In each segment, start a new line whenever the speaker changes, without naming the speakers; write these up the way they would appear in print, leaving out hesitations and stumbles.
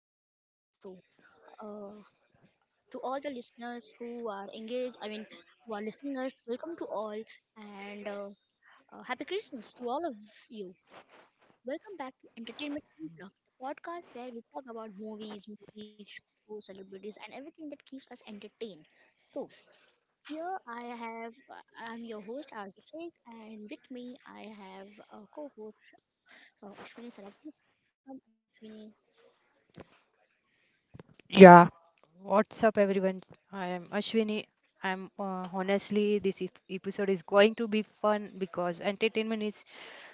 to today's episode. Uh, to all the listeners who are engaged, who are listening us, welcome to all and happy Christmas to all of you. Welcome back to Entertainment Unplugged, the podcast where we talk about movies, music, shows, celebrities, and everything that keeps us entertained. So here I have, I'm your host Arzu Sheikh, and with me I have a co-host Ashwini Sarab. Welcome, Ashwini.
Yeah, what's up, everyone? I am Ashwini. I'm Honestly, this episode is going to be fun because entertainment is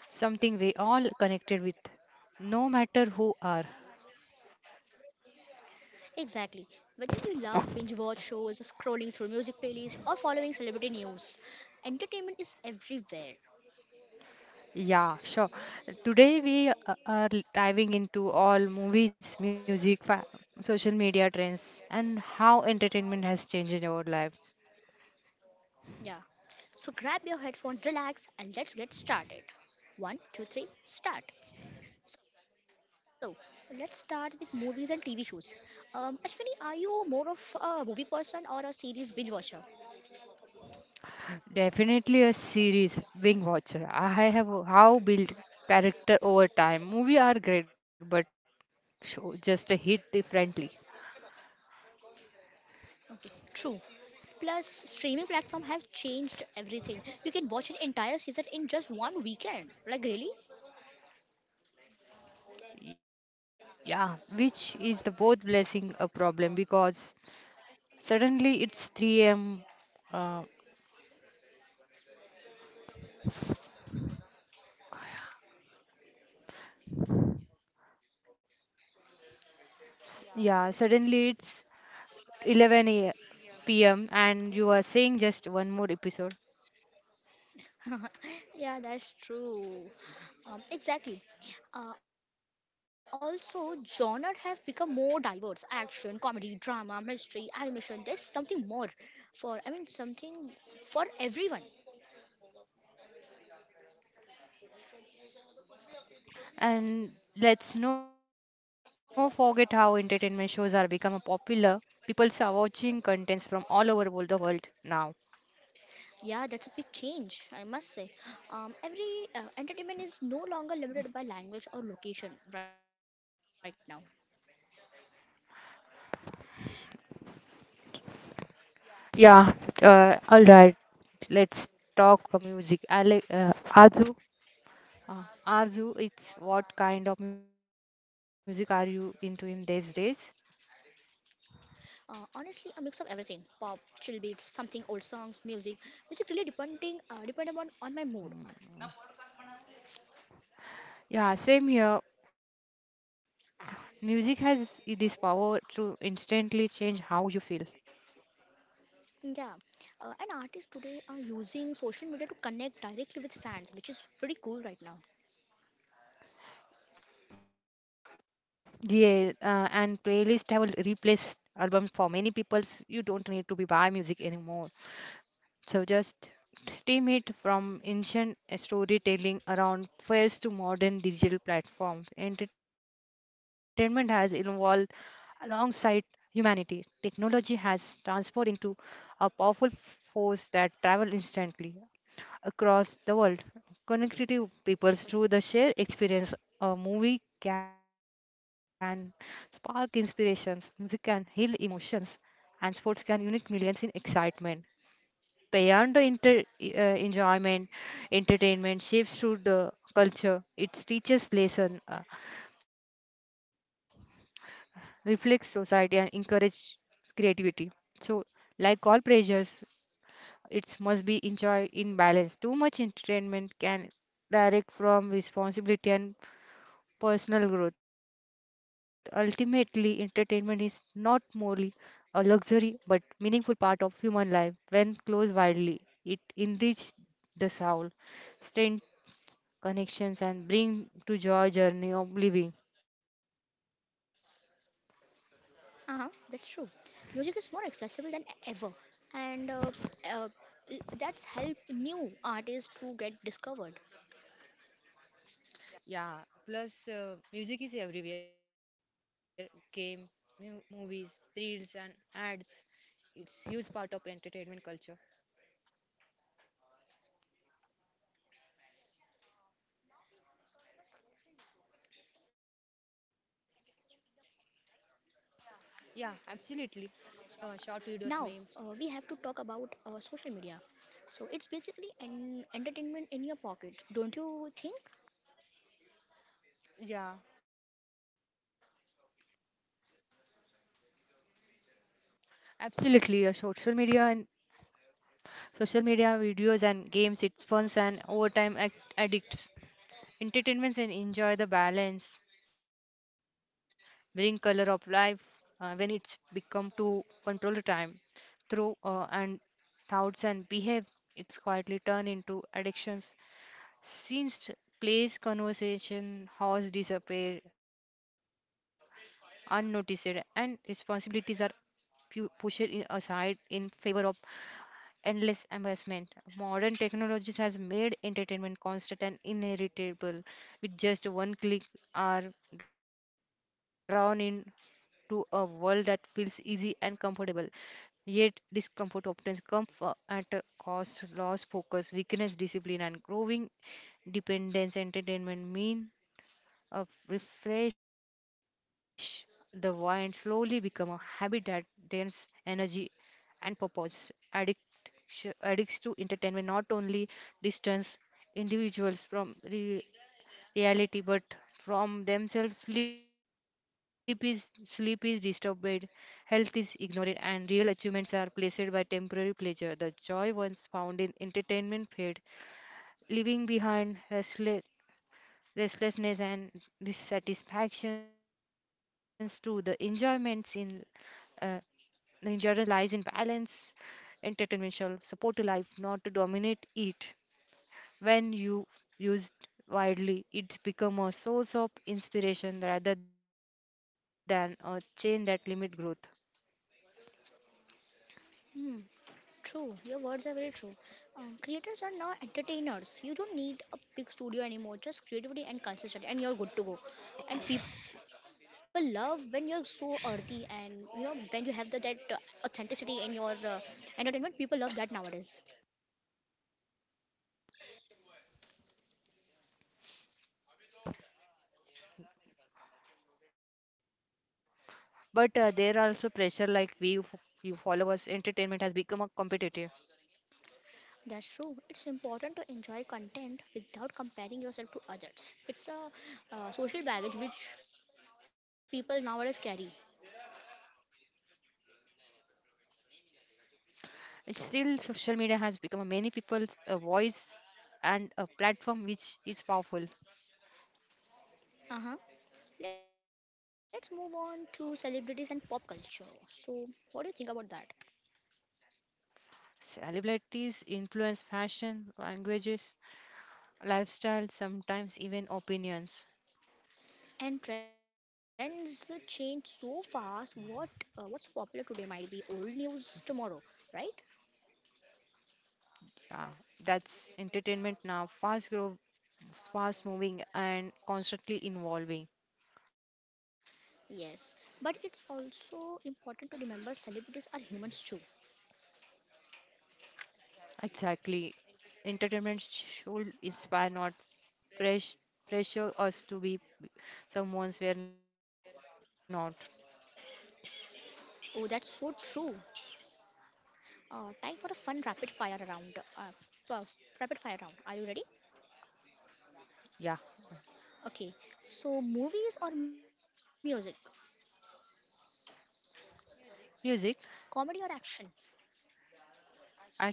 something we all connected with, no matter who are.
Exactly. Whether you love binge watch shows, scrolling through music playlists, or following celebrity news, entertainment is everywhere.
Yeah, sure. Today we are diving into all movies, music, fa social media trends, and how entertainment has changed in our lives.
Yeah. So grab your headphone, relax, and let's get started. One, two, three, start. So let's start with movies and TV shows. Ashwini, are you more of a movie person or a series binge watcher?
Definitely a series being watcher. I have how built character over time. Movie are great, but show just a hit differently.
Okay, true. Plus, streaming platform have changed everything. You can watch an entire season in just one weekend. Like really?
Yeah, which is the both blessing a problem because suddenly it's 3 a.m. Uh, yeah, suddenly it's 11 a.m. p.m. and you are saying just one more episode.
Yeah, that's true. Um, exactly. Also, genre have become more diverse: action, comedy, drama, mystery, animation. There's something more for. I mean, something for everyone.
And let's not forget how entertainment shows are become a popular. People are watching contents from all over world, the world now.
Yeah, that's a big change, I must say. Every Entertainment is no longer limited by language or location right now.
Yeah, all right. Let's talk music. Uh, Arzu, it's what kind of music are you into in these days?
Honestly, a mix of everything: pop, chill beats, something old songs, music. Music really depend upon on my mood.
Yeah, same here. Music has this power to instantly change how you feel.
Yeah, and artists today are using social media to connect directly with fans, which is pretty cool right now.
Yeah, and playlists have replaced albums for many peoples. You don't need to be buy music anymore. So just stream it from ancient storytelling around first to modern digital platforms. Entertainment has evolved alongside humanity. Technology has transformed into a powerful force that travels instantly across the world, connecting peoples through the shared experience. A movie can spark inspirations, music can heal emotions, and sports can unite millions in excitement. Beyond the enjoyment, entertainment shapes through the culture. It teaches lesson, reflects society, and encourages creativity. So, like all pleasures. It must be enjoyed in balance. Too much entertainment can direct from responsibility and personal growth. Ultimately, entertainment is not merely a luxury but meaningful part of human life. When closed widely, it enriches the soul, strengthens connections, and brings to joy journey of living.
Uh huh. That's true. Music is more accessible than ever, and uh, that's helped new artists to get discovered.
Yeah, plus music is everywhere. Game, movies, reels, and ads. It's huge part of entertainment culture. Yeah, absolutely. Short videos,
Now,
memes.
we have to talk about social media. So, it's basically an entertainment in your pocket, don't you think?
Yeah, absolutely. Social media and social media videos and games. It's fun and overtime addicts. Entertainments and enjoy the balance. Bring color of life when it's become to control the time through and thoughts and behave it's quietly turned into addictions since place conversation has disappear unnoticed and responsibilities are pushed in aside in favor of endless embarrassment modern technologies has made entertainment constant and inheritable with just one click are drawn in to a world that feels easy and comfortable. Yet, discomfort often comes at a cost, loss, focus, weakness, discipline, and growing dependence. Entertainment mean a refresh the mind slowly become a habit that drains energy and purpose. Addict, addicts to entertainment not only distance individuals from reality but from themselves sleep is disturbed health is ignored and real achievements are placed by temporary pleasure the joy once found in entertainment fade leaving behind restlessness and dissatisfactions to the enjoyments in uh, the endurance lies in balance entertainment shall support a life not to dominate it when you used widely, it become a source of inspiration rather than a chain that limit growth.
Hmm. True, your words are very true. Creators are now entertainers. You don't need a big studio anymore. Just creativity and consistency, and you're good to go. And people love when you're so earthy, and you know when you have the, that authenticity in your entertainment. People love that nowadays.
But there are also pressure like view, followers, entertainment has become a competitive.
That's true. It's important to enjoy content without comparing yourself to others. It's a social baggage which people nowadays carry.
And still, social media has become a many people's voice and a platform which is powerful.
Uh huh. Let's move on to celebrities and pop culture. So, what do you think about that?
Celebrities influence fashion, languages, lifestyle, sometimes even opinions.
And trends change so fast. What's popular today might be old news tomorrow, right?
Yeah, that's entertainment now. Fast moving and constantly evolving.
Yes, but it's also important to remember celebrities are humans too.
Exactly. Entertainment should inspire, not press pressure us to be someone's we're not.
Oh, that's so true. Time for a fun rapid fire round. F- uh, Rapid fire round. Are you ready?
Yeah.
Okay. So movies or music,
Music,
comedy or action,
action,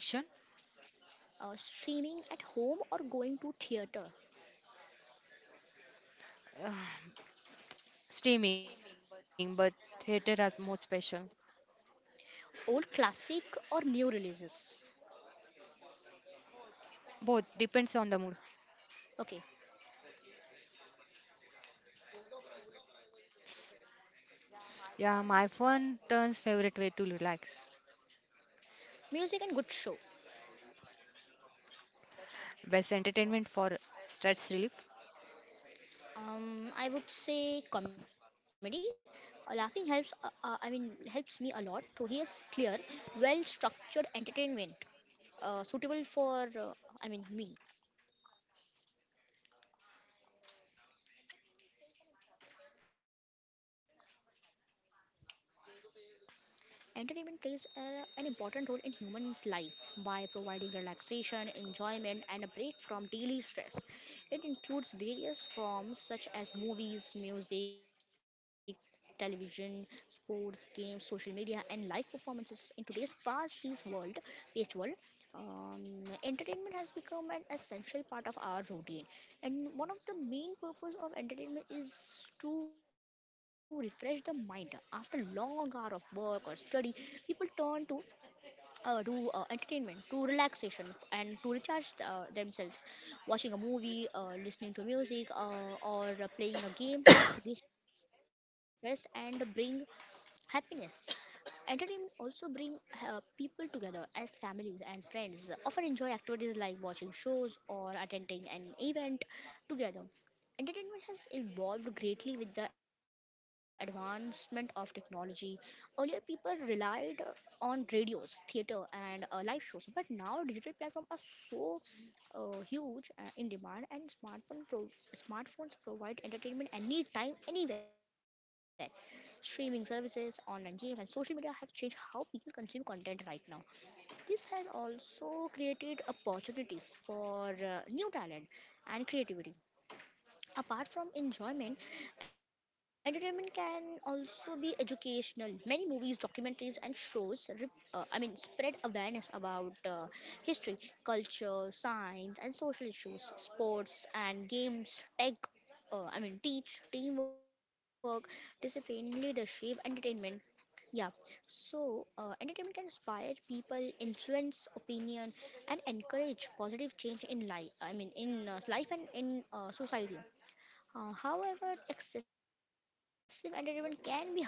streaming at home or going to theater,
streaming, but theater are more special.
old classic or new releases.
Both depends on the mood.
Okay,
Yeah, my fun turns favorite way to relax.
music and good show.
Best entertainment for stress relief.
I would say comedy. Laughing helps. Helps me a lot. So here's clear, well-structured entertainment, suitable for me. Entertainment plays an important role in human life by providing relaxation, enjoyment, and a break from daily stress. It includes various forms such as movies, music, television, sports, games, social media, and live performances. In today's paced world, entertainment has become an essential part of our routine, and one of the main purpose of entertainment is to refresh the mind. After long hour of work or study, people turn to do entertainment, to relaxation, and to recharge themselves. Watching a movie, listening to music, or playing a game helps reduce stress and bring happiness. Entertainment also bring people together as families and friends often enjoy activities like watching shows or attending an event together. Entertainment has evolved greatly with the advancement of technology. Earlier, people relied on radios, theater, and live shows, but now digital platforms are so huge in demand, and smartphones provide entertainment anytime, anywhere. Streaming services, online games, and social media have changed how people consume content right now. This has also created opportunities for new talent and creativity. Apart from enjoyment, entertainment can also be educational. Many movies, documentaries, and shows, spread awareness about history, culture, science, and social issues. Sports and games, teach teamwork, discipline, leadership, entertainment. Yeah, so entertainment can inspire people, influence opinion, and encourage positive change in life and in society. However, excessive entertainment can be harmful.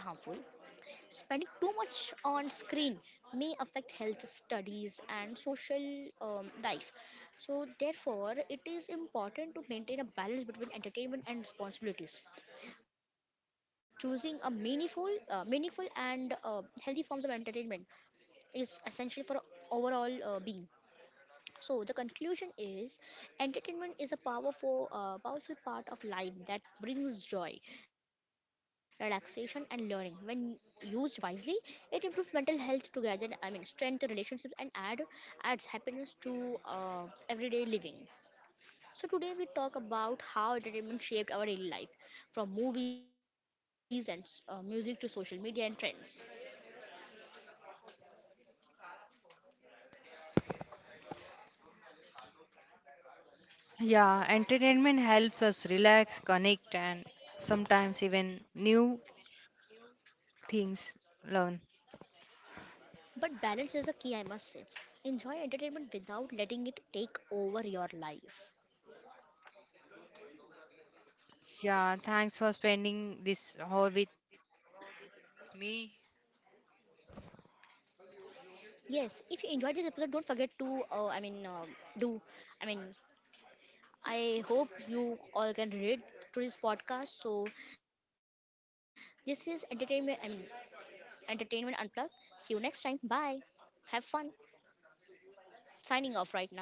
Spending too much on screen may affect health, studies, and social life. So, therefore, it is important to maintain a balance between entertainment and responsibilities. Choosing a meaningful and healthy forms of entertainment is essential for overall being. So the conclusion is entertainment is a powerful part of life that brings joy, relaxation and learning. When used wisely, it improves mental health together, I mean strength, relationships and adds happiness to everyday living. So today we talk about how entertainment shaped our daily life from movies and music to social media and trends.
Yeah, entertainment helps us relax, connect, and sometimes even new things learn.
But balance is the key, I must say. Enjoy entertainment without letting it take over your life.
Yeah, thanks for spending this hour with me.
Yes, if you enjoyed this episode, don't forget to, I mean, do, I mean, I hope you all can relate to this podcast. So, this is entertainment unplugged. See you next time. Bye. Have fun. Signing off right now.